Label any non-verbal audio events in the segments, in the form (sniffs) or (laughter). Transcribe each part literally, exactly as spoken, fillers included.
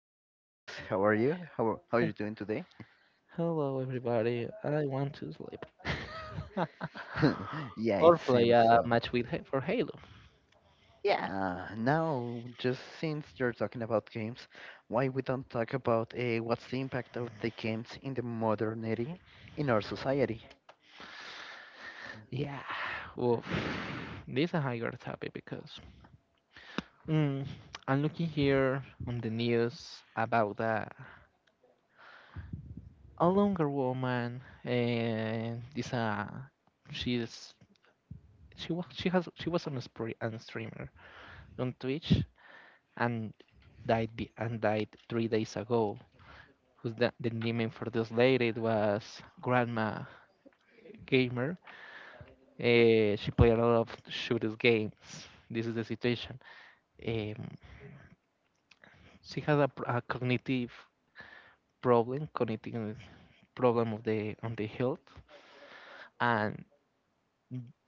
friend Sebas. How are you? How how are you doing today? Hello, everybody. I want to sleep. (laughs) (laughs) Yeah, it Or play seems a so. match with Ha- for Halo. Yeah, now just since you're talking about games, why we don't talk about uh, what's the impact of the games in the modernity in our society? Yeah. Oof. (sighs) This is a higher topic because mm, I'm looking here on the news about a, a longer woman and this uh she's she was she has she was on a spree and streamer on Twitch and died be, and died three days ago. Who's the, the name for this lady? It was Grandma Gamer. Uh, she played a lot of shooters games. This is the situation. Um, she had a, pr- a cognitive problem, cognitive problem of the on the health, and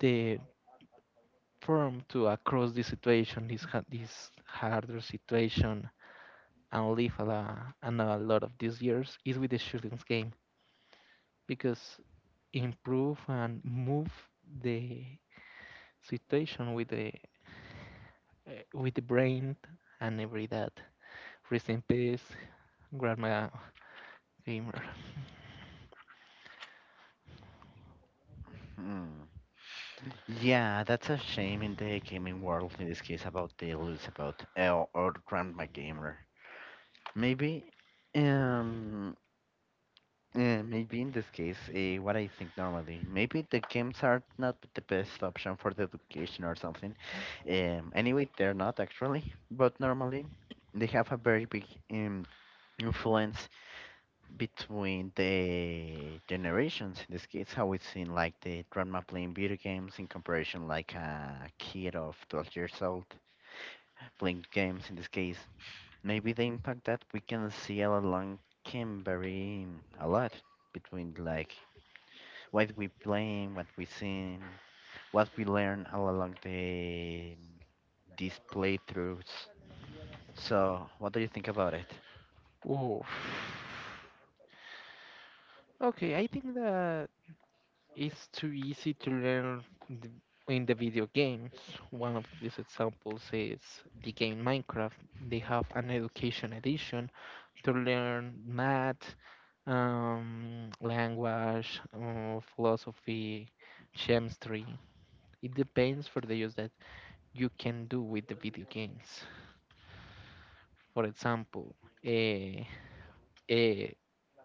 the firm to across this situation, this ha- this harder situation, and live a lot, and a lot of these years is with the shootings game because improve and move the situation with the uh, with the brain and every that. Rest in peace, Grab my gamer. Hmm. Yeah, that's a shame in the gaming world in this case about the lose about L or Grandma Gamer. Maybe. Um. Uh, maybe in this case, uh, what I think normally, maybe the games are not the best option for the education or something. Um, anyway, they're not actually, but normally they have a very big um, influence between the generations. In this case, how it's seen like the grandma playing video games in comparison like a kid of twelve years old playing games in this case. Maybe the impact that we can see all along can vary a lot between like what we playing, what we seen, what we learn all along the these playthroughs. So, what do you think about it? Ooh. Okay, I think that it's too easy to learn in the video games. One of these examples is the game Minecraft. They have an education edition to learn math, um, language, uh, philosophy, chemistry. It depends for the use that you can do with the video games. For example, a a,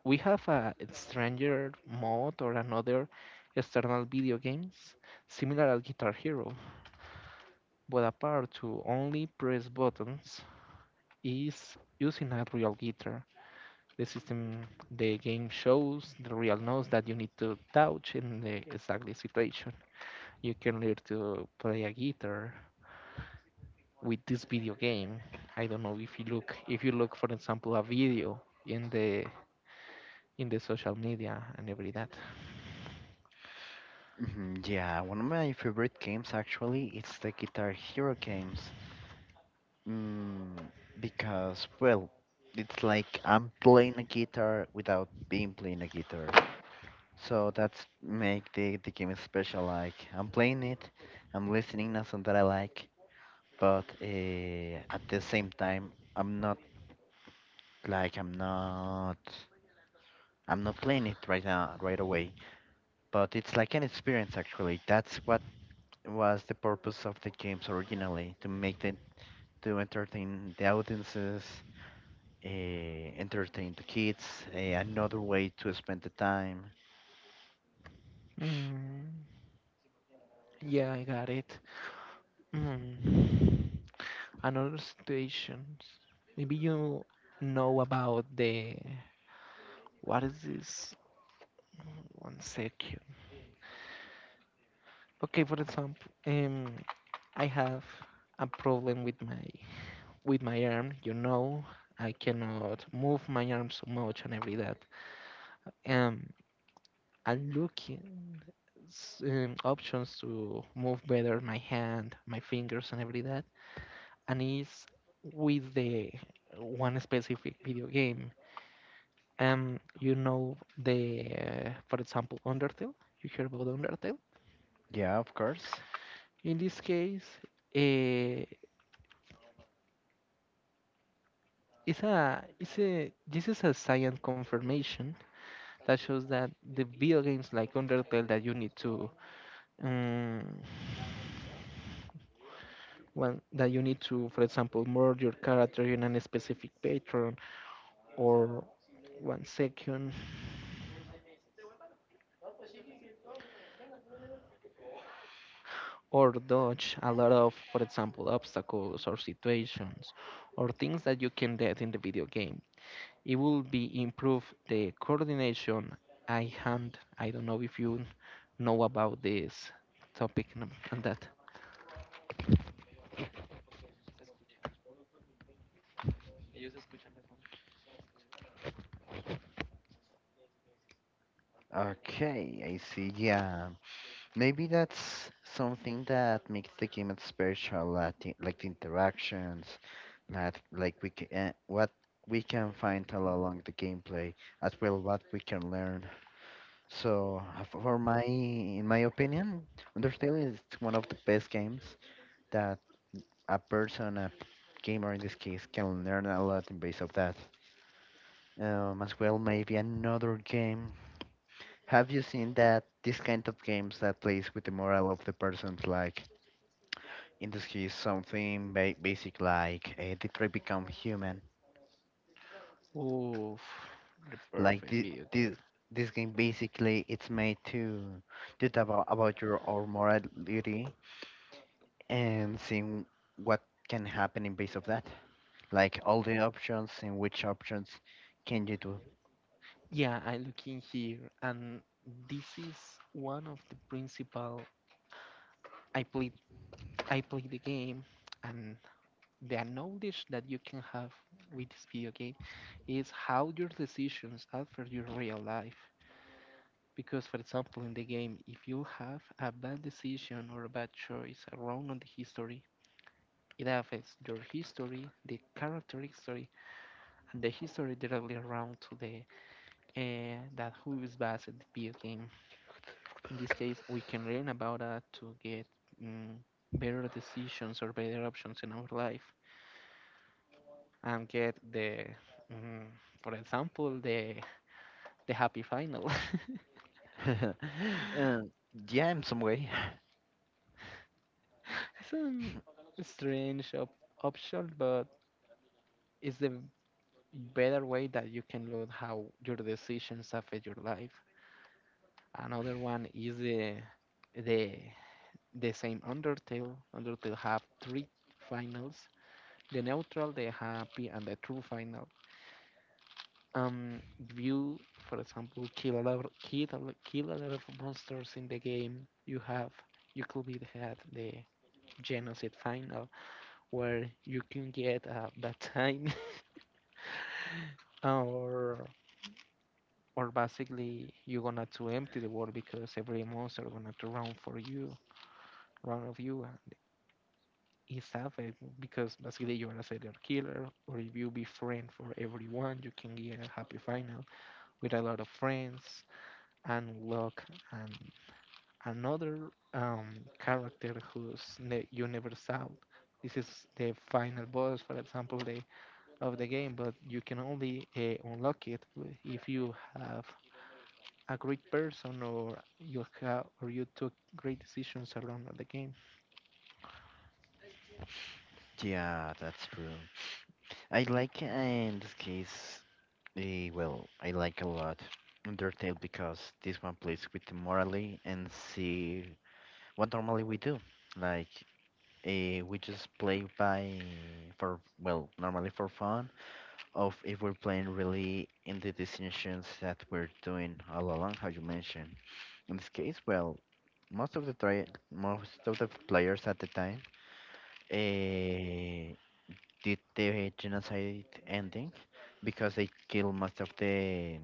we have a stranger mod or another external video games similar as Guitar Hero, but apart to only press buttons is using a real guitar. The system the game shows the real notes that you need to touch in the exact situation. You can learn to play a guitar with this video game. I don't know if you look if you look for example a video in the in the social media and every that. hmm yeah, one of my favorite games actually it's the Guitar Hero games. Mm, because well, it's like I'm playing a guitar without being playing a guitar. So that's make the, the game special. Like I'm playing it, I'm listening to something that I like, but uh, at the same time I'm not Like I'm not I'm not playing it right now right away, but it's like an experience actually. That's what was the purpose of the games originally, to make them to entertain the audiences, uh, entertain the kids, uh, another way to spend the time. Mm. Yeah, I got it. Mm. Another situations. Maybe you know about the what is this? Mm, One second. Okay, for example, um, I have a problem with my with my arm. You know, I cannot move my arm so much and every that. Um, I'm looking s- um, options to move better my hand, my fingers, and every that. And it's with the one specific video game. Um, you know the, uh, for example, Undertale. You hear about Undertale. Yeah, of course. In this case, uh, it's a, it's a, this is a science confirmation that shows that the video games like Undertale that you need to, um, well, that you need to, for example, merge your character in a specific pattern or one second. Or dodge a lot of, for example, obstacles or situations or things that you can get in the video game. It will be improve the coordination, eye hand. I don't know if you know about this topic and and that. Okay, I see. Yeah, maybe that's something that makes the game special, like the, like the interactions, that like we can what we can find all along the gameplay, as well what we can learn. So, uh, for my in my opinion, Undertale is one of the best games that a person, a p- gamer in this case, can learn a lot in base of that. Um, as well, maybe another game. Have you seen that? This kind of games that plays with the morale of the persons, like Industry is something ba- basic like uh, the tree become human. Oof, the Like perfect the, video game. the, this game basically it's made to to talk about, about your own morality and seeing what can happen in base of that. Like all the options and which options can you do. Yeah, I look in here, and this is one of the principal. I played I played the game, and the knowledge that you can have with this video game is how your decisions alter your real life. Because, for example, in the game, if you have a bad decision or a bad choice, a wrong on the history, it affects your history, the character history, and the history directly around to the uh, that who is based the video game. In this case, we can learn about that to get mm, better decisions or better options in our life. And get the, mm, for example, the the happy final. (laughs) uh, (laughs) yeah, in some way. (laughs) it's a strange op- option, but it's the better way that you can look how your decisions affect your life. Another one is the the the same Undertale. Undertale have three finals: the neutral, the happy, and the true final. Um, you, for example, kill a lot, kill a, lo- kill a lot of monsters in the game. You have, you could be had the genocide final where you can get a bad time, (laughs) or or basically you're gonna to empty the world because every monster gonna to run for you, run of you, and it's it because basically you are a serial killer, or if you be friend for everyone, you can get a happy final with a lot of friends and luck and another um, character who's ne- you never saw. This is the final boss, for example, the, of the game, but you can only uh, unlock it w- if you have a great person or you have or you took great decisions around the game. Yeah, that's true. I like, uh, in this case, eh, well, I like a lot Undertale because this one plays with the morally and see what normally we do. Like, eh, we just play by for, well, normally for fun, of if we're playing really in the decisions that we're doing all along, how you mentioned. In this case, well, most of the try most of the players at the time, uh, did the genocide ending because they killed most of the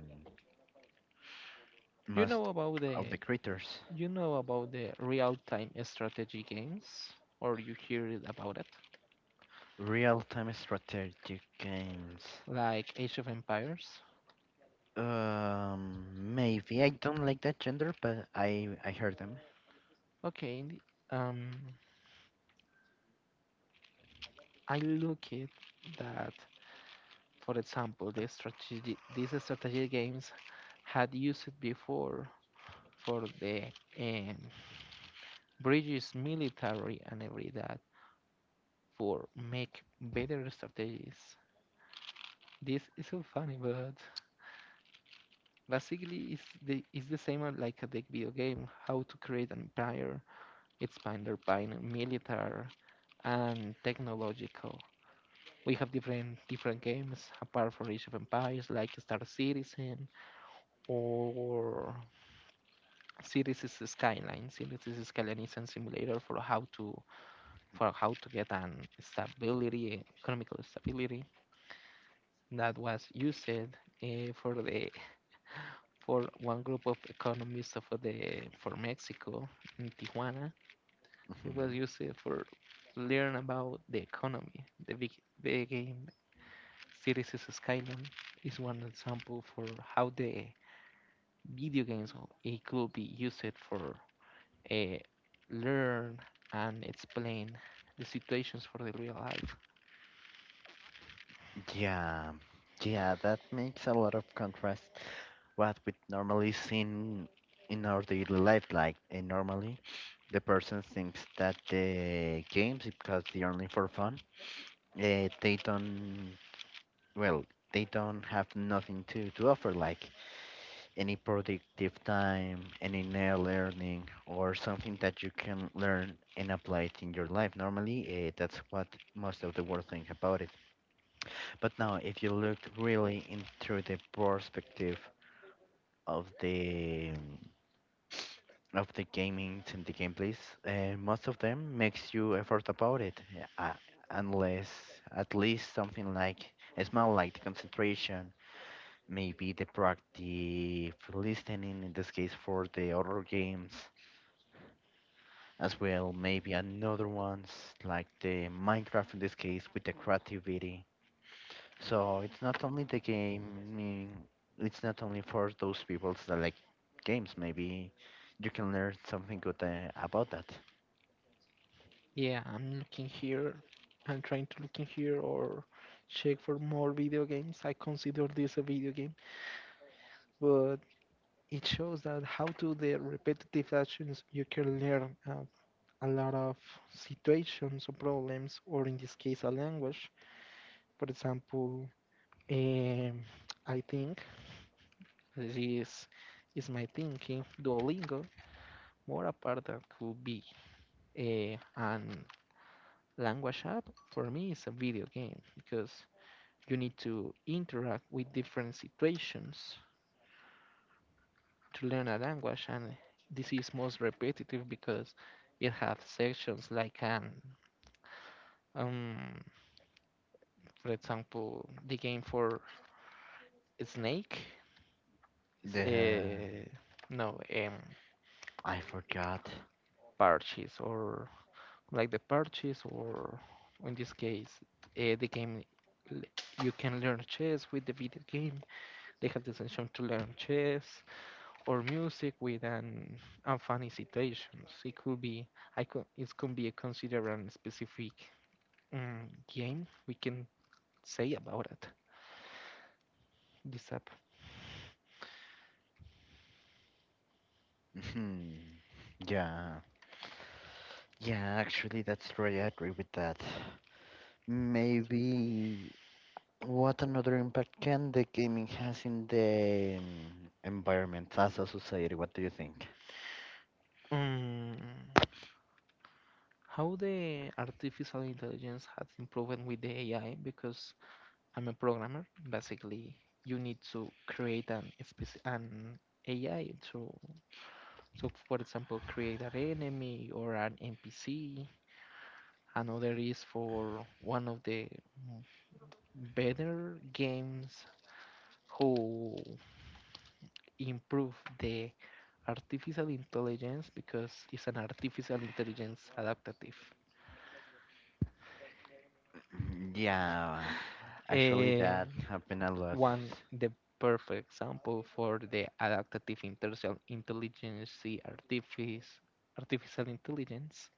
You most know about the of the creatures. you know about the real-time strategy games, or you hear it about it, Real-time strategic games. like Age of Empires. Um, maybe I don't like that gender, but I I heard them. Okay, in the- um, I look it that for example, the strategy, these strategy games had used it before for the um, British military and every that for make better strategies. This is so funny, but basically it's the it's the same as like the video game, how to create an empire, expanded by military and technological. We have different different games apart from Age of Empires like Star Citizen or Cities is the Skyline. Cities is Skyline is a simulator for how to for how to get an stability, economical stability that was used uh, for the for one group of economists of the for Mexico in Tijuana. It was Mhm. used for learn about the economy. The big the game Cities is Skyline is one example for how the video games it could be used for uh, learn and explain the situations for the real life. Yeah, yeah, that makes a lot of contrast what we normally see in, in our daily life. Like eh, normally, the person thinks that the games, because they're only for fun, uh, they don't well, they don't have nothing to, to offer, like any productive time, any nail learning, or something that you can learn and apply it in your life. Normally, uh, that's what most of the world think about it. But now, if you look really into the perspective of the of the gaming and the gameplays, uh, most of them makes you effort about it, yeah, uh, unless at least something like a small like the concentration, maybe the practice listening in this case for the other games as well, maybe another ones like the Minecraft in this case with the creativity. So it's not only the game, it's not only for those people that like games. Maybe you can learn something good uh, about that. Yeah, I'm looking here. I'm trying to look in here or check for more video games. I consider this a video game, but it shows that how to the repetitive actions you can learn uh, a lot of situations or problems, or in this case, a language. For example, um, I think this is my thinking. Duolingo, more a part that could be eh, and language app for me is a video game because you need to interact with different situations to learn a language, and this is most repetitive because it has sections like an um, for example, the game for Snake, it's The a no um I forgot. purchase or like the purchase or in this case uh, the game l- you can learn chess with the video game. They have the intention to learn chess or music with an unfunny situations. It could be, I could, it could be considered a specific um, game. We can say about it. This app. Mhm. Yeah. Yeah, actually that's right. I agree with that. Maybe what another impact can the gaming has in the um, environment as a society? What do you think? Mm, how the artificial intelligence has improved with the A I because I'm a programmer. Basically, you need to create an speci- an A I to so for example create an enemy or an N P C. Another is for one of the better games who improve the artificial intelligence because it's an artificial intelligence adaptative. Mhm, yeah, actually Eh, that happened a lot. one the perfect example for the adaptative intelligence intelligence the artifice artificial intelligence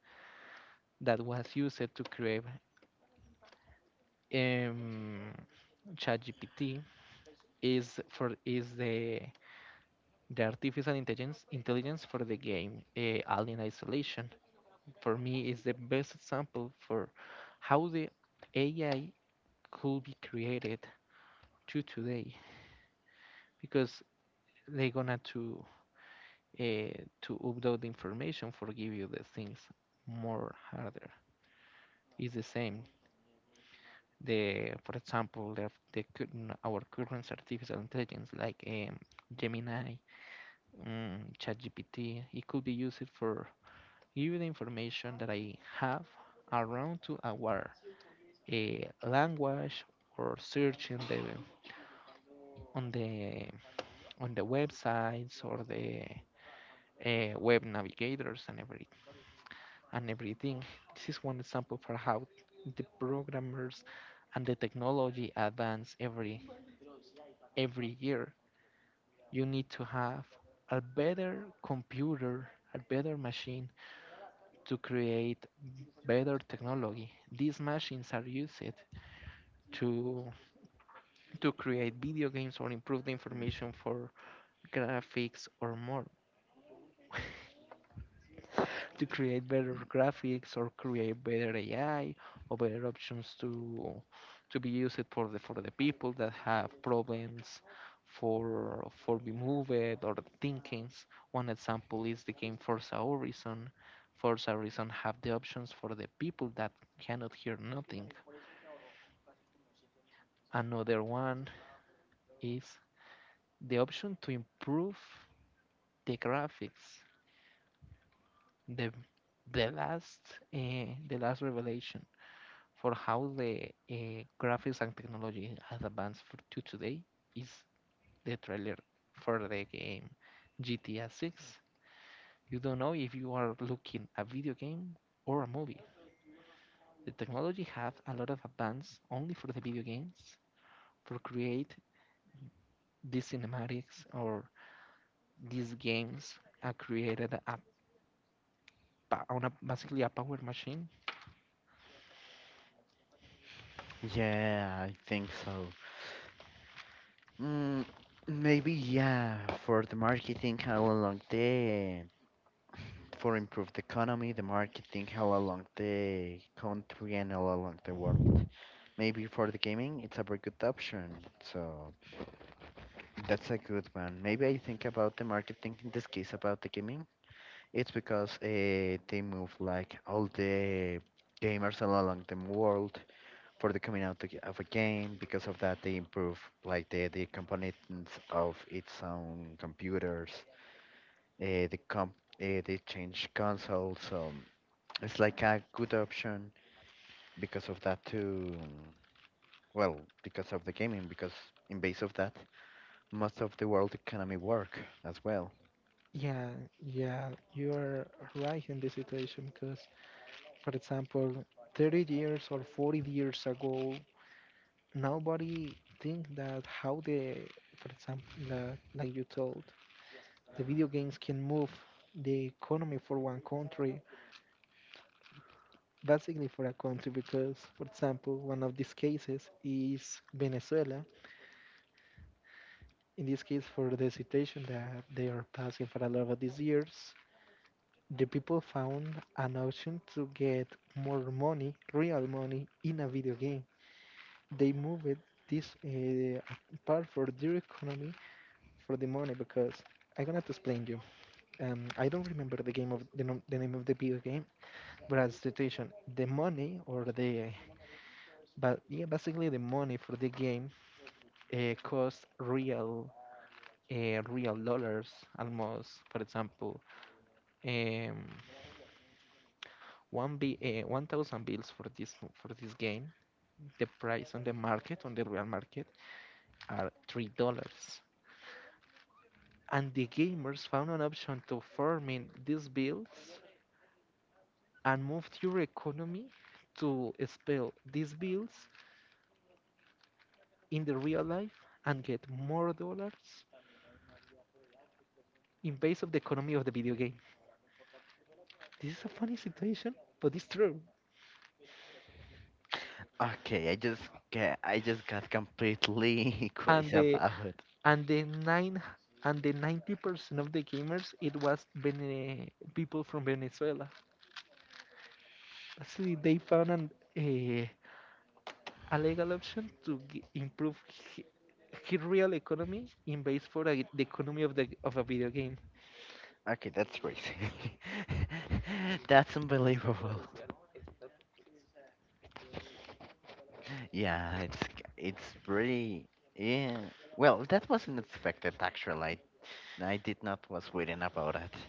that was used to create um ChatGPT is for is the the artificial intelligence intelligence for the game uh, Alien Isolation for me is the best example for how the A I could be created to today because they're gonna to uh, to upload the information for give you the things more harder. It's the same the for example the, the current- our current artificial intelligence like um, Gemini, um, ChatGPT it could be used for give you the information that I have around to our eh, language or searching the on the on the websites or the uh, web navigators and every and everything. This is one example for how the programmers and the technology advance every every year. You need to have a better computer, a better machine to create better technology. These machines are used to to create video games or improve the information Mm, for graphics or more (laughs) to create better graphics or create better A I or better options to to be used for the for the people that have problems for for be moved or thinkings. One example is the game Forza Horizon. Forza Horizon have the options for the people that cannot hear nothing. Another one is the option to improve the graphics, the the last uh, the last revelation for how the uh, graphics and technology has advanced for, to today is the trailer for the game G T A six. You don't know if you are looking at a video game or a movie. The technology have a lot of advance only for the video games for create these cinematics or these games are created a, on a basically a power machine. yeah, I think so. Mm, maybe yeah, for the marketing along the for improved economy, the marketing all along the country and all along the world. Maybe for the gaming, it's a very good option. So that's a good one. Maybe I think about the marketing in this case about the gaming. It's because uh, they move like all the gamers all along the world for the coming out to- of a game. Because of that, they improve like the the components of its own computers. Uh, the comp uh, they change consoles. So it's like a good option because of that too. Well, because of the gaming, because in base of that, most of the world economy work as well. Yeah, yeah, you are right in this situation because, for example, thirty years or forty years ago, nobody think that how the, for example, the, like you told, the video games can move the economy for one country, basically for a country, because, for example, one of these cases is Venezuela. In this case, for the situation that they are passing for a lot of these years, the people found an option to get more money, real money, in a video game. They moved this uh, part for their economy for the money because I'm gonna have to explain you. Um, I don't remember the game of the, nom- the name of the video game, but as situation, the money or the but yeah, basically the money for the game uh, cost real uh, real dollars almost. For example, um, one b uh, one thousand bills for this for this game the price on the market, on the real market, are three dollars. And the gamers found an option to farming these bills and moved your economy to spell these bills in the real life and get more dollars in base of the economy of the video game. This is a funny situation, but it's true. Okay, I just get, I just got completely (laughs) And crazy the about it. and the nine and the ninety percent of the gamers it was Vene- people from Venezuela. See, they found an uh, a legal option to g- improve hi- his real economy in base for a, the economy of the of a video game. Okay, that's crazy. (laughs) That's unbelievable. Yeah, it's c- it's pretty. Yeah. Well, that wasn't expected actually. I I did not was waiting about it.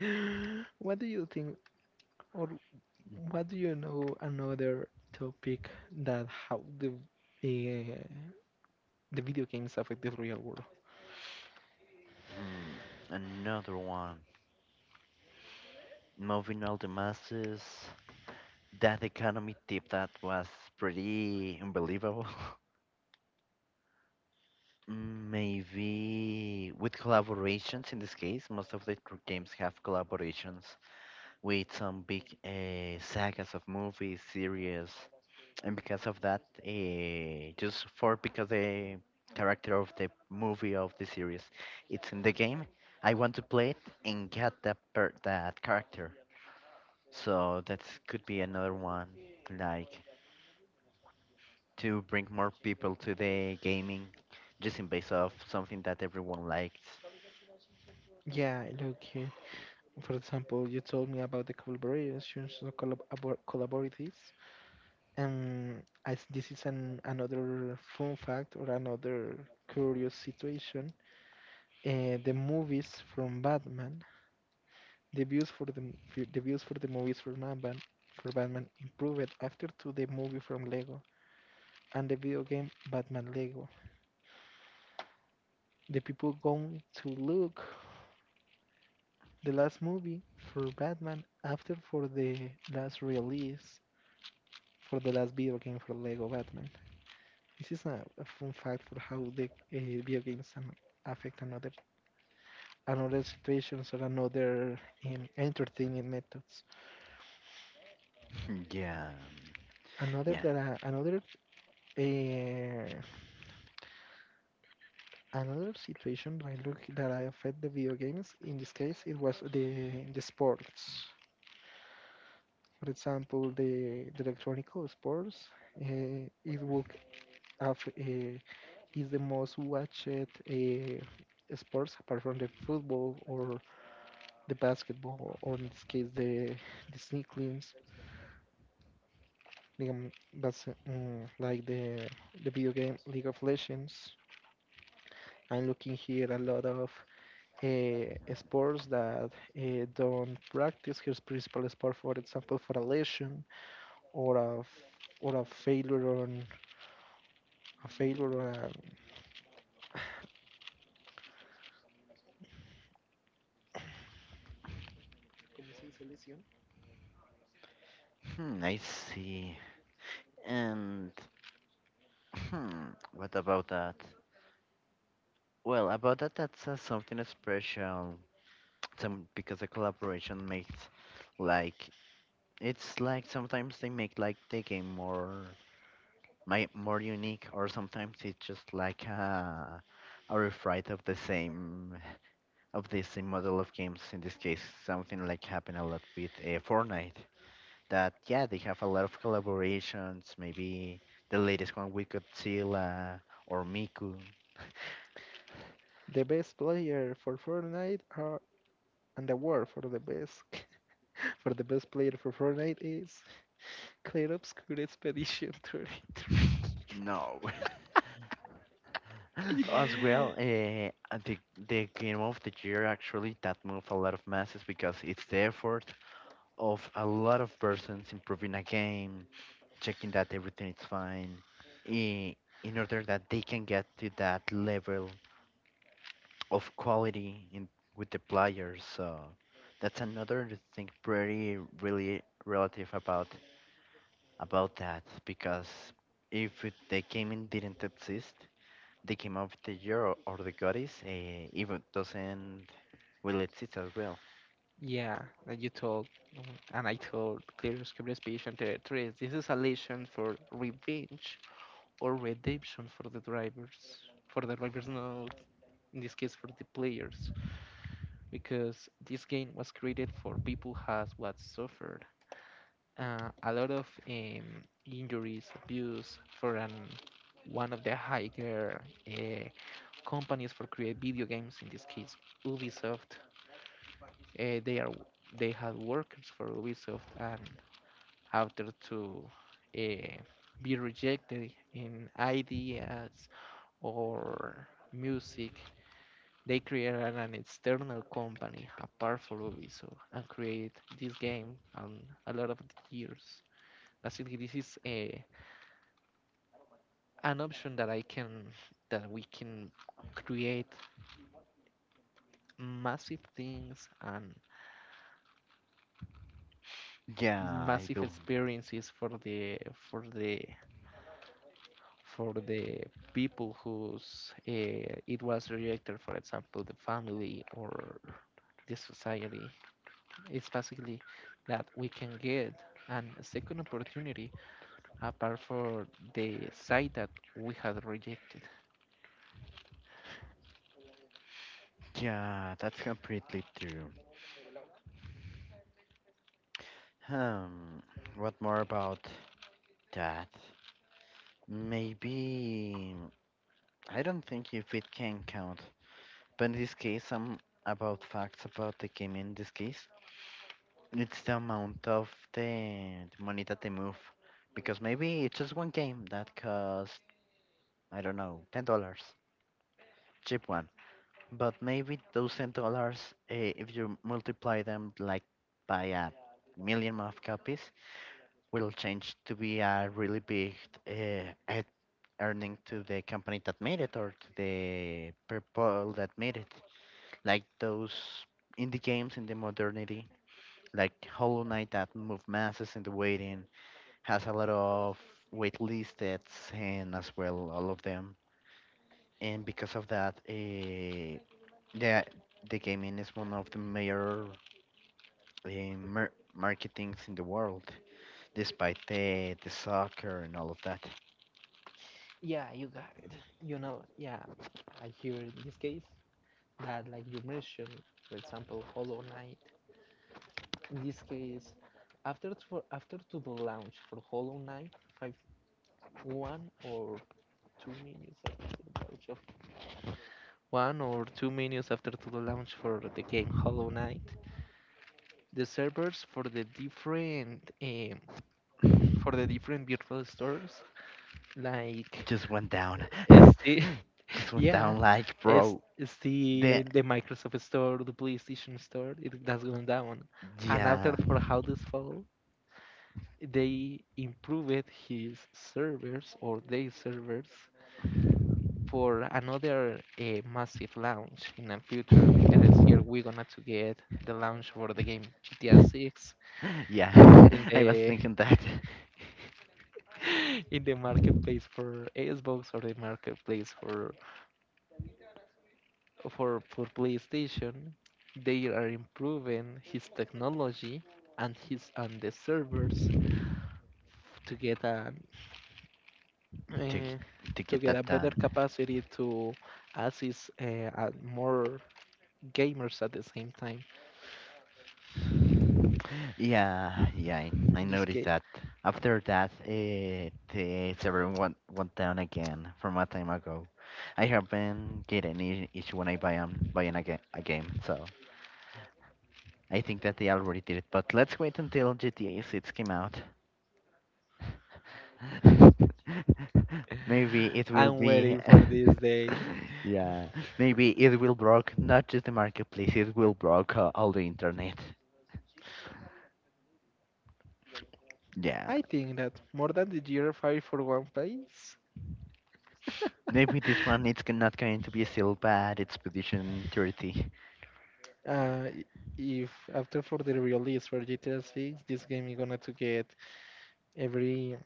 (gasps) What do you think, or what do you know? Another topic that how the uh, the video games affect the real world. Mm, another one. Moving all the masses. That economy tip that was pretty unbelievable. (laughs) Maybe with collaborations in this case, most of the tr- games have collaborations with some big uh, sagas of movies, series, and because of that, uh, just for because the character of the movie of the series, it's in the game. I want to play it and get that per- that character. So that could be another one, like to bring more people to the gaming just in base of something that everyone likes. Yeah, look. uh, For example, you told me about the collaborations, so collab- abo- collaboratives. And as this is an another fun fact or another curious situation, uh, the movies from Batman, the views for the m- f- the views for the movies from Batman for Batman improved after to the movie from Lego and the video game Batman Lego. The people going to look the last movie for Batman after for the last release for the last video game for Lego Batman. This is a, a fun fact for how the uh, video games an, affect another another situations or another um, entertainment methods. (laughs) yeah, Another yeah. that I, another uh, another situation that I look that I affect the video games. In this case, it was the the sports. For example, the the electronic sports. Uh, it would have uh, is the most watched uh, sports apart from the football or the basketball, or in this case, the the sneak games, um, but um, like the the video game League of Legends. I'm looking here a lot of uh, sports that uh, don't practice his principal sport, for example, for a lesion or a f- or a failure on a failure or a ¿Cómo se dice lesión? Hmm, I see. And hmm, what about that? Well, about that, that's uh, something special. Some because the collaboration makes like it's like sometimes they make like the game more my more unique, or sometimes it's just like a a refrite of the same of the same model of games. In this case, something like happen a lot with uh, Fortnite. That yeah, they have a lot of collaborations. Maybe the latest one with Godzilla or Miku. The best player for Fortnite are, and the award for the best (laughs) for the best player for Fortnite is Clear Obscure Expedition thirty-three. No, (laughs) as well. (laughs) Uh, the the game of the year actually that move a lot of masses because it's the effort of a lot of persons improving a game, checking that everything is fine, i- in order that they can get to that level of quality in with the players. So that's another thing pretty really relative about about that because if it, the gaming didn't exist, the game of the year or, or the goddess uh, even doesn't will exist as well. Yeah, that you told. mm, And I told Clear Obscure Expedition thirty-three. This is a lesson for revenge or redemption for the drivers. For the drivers, no. In this case, for the players. Because this game was created for people who has what suffered. Uh, a lot of um, injuries, abuse for an one of the higher uh, companies for create video games. In this case, Ubisoft. Uh, they are they had workers for Ubisoft and after to uh, be rejected in ideas or music. They created an external company apart for Ubisoft and create this game um, a lot of years. Basically, this is a, an option that I can that we can create massive things and yeah. Yeah, I Massive will. experiences for the for the for the people whose uh, it was rejected, for example, the family or the society. It's basically that we can get an second opportunity apart for the side that we had rejected. Yeah, that's completely true. Um, what more about that? Maybe I don't think if it can count, but in this case, some about facts about the game. In this case, it's the amount of the, the money that they move, because maybe it's just one game that costs I don't know ten dollars, cheap one. But maybe those ten dollars, eh, if you multiply them like by a million of copies, will change to be a really big uh, earning to the company that made it or to the people that made it. Like those indie games in the modernity, like Hollow Knight that move masses in the waiting, has a lot of wait lists and as well all of them. And because of that, uh, the the gaming is one of the major eh, mar- marketings in the world, despite the the soccer and all of that. Yeah, you got (sighs) it. You know, yeah, I hear in this case that, like you mentioned, for example, Hollow Knight. In this case, after to, after to the launch for Hollow Knight, five, one or two minutes after to the launch of one or two minutes after to the launch for the game Hollow Knight, the servers for the different um, for the different virtual stores like Just went down, (laughs) Steam. (laughs) just went Yeah, down like it's bro. it's The the the Microsoft Store, the PlayStation Store. It that's going down, and yeah. after for how this fall, they improved his servers or their servers for another uh, massive launch in the future. In the next year, we're gonna to get the launch for the game G T A six (laughs) Yeah, in (laughs) I was the thinking that. (laughs) in the marketplace for Xbox or the marketplace for for, for PlayStation, they are improving his technology and his and the servers to get a (laughs) to g- uh, to to get get that a better done. capacity to assist uh, uh, more gamers at the same time. Yeah, yeah, I, I In this noticed case, that. um, After that, uh, the server went went down again from a time ago. I haven't get any issue when I buy um buying a, ga- a game, so I think that they already did it. But let's wait until G T A six came out. (laughs) Maybe it (laughs) will I'm be. waiting (laughs) for this day. Yeah, maybe it will block not just the marketplace, it will block uh, all the internet. Yeah. I think that more than the year five for One place. Maybe this one it's g- not going to be sealed but it's position (laughs) thirty. uh, i- if after for the release for G T A six, this game is gonna to get every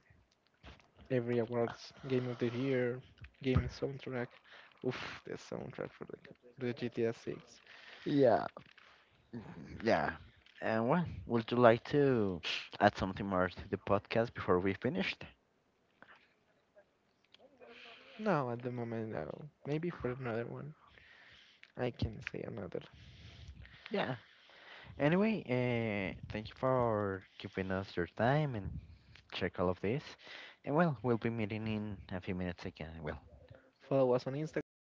every awards, Game of the Year, Game Soundtrack. Oof, the soundtrack for the, for the G T A six. Yeah. Yeah. And well, would you like to (sniffs) add something more to the podcast before we finished? No, at the moment, no. Maybe for another one. I can say another. Yeah. Anyway, uh, thank you for giving us your time and check all of this. And well, we'll be meeting in a few minutes again. Well, Follow us on Instagram.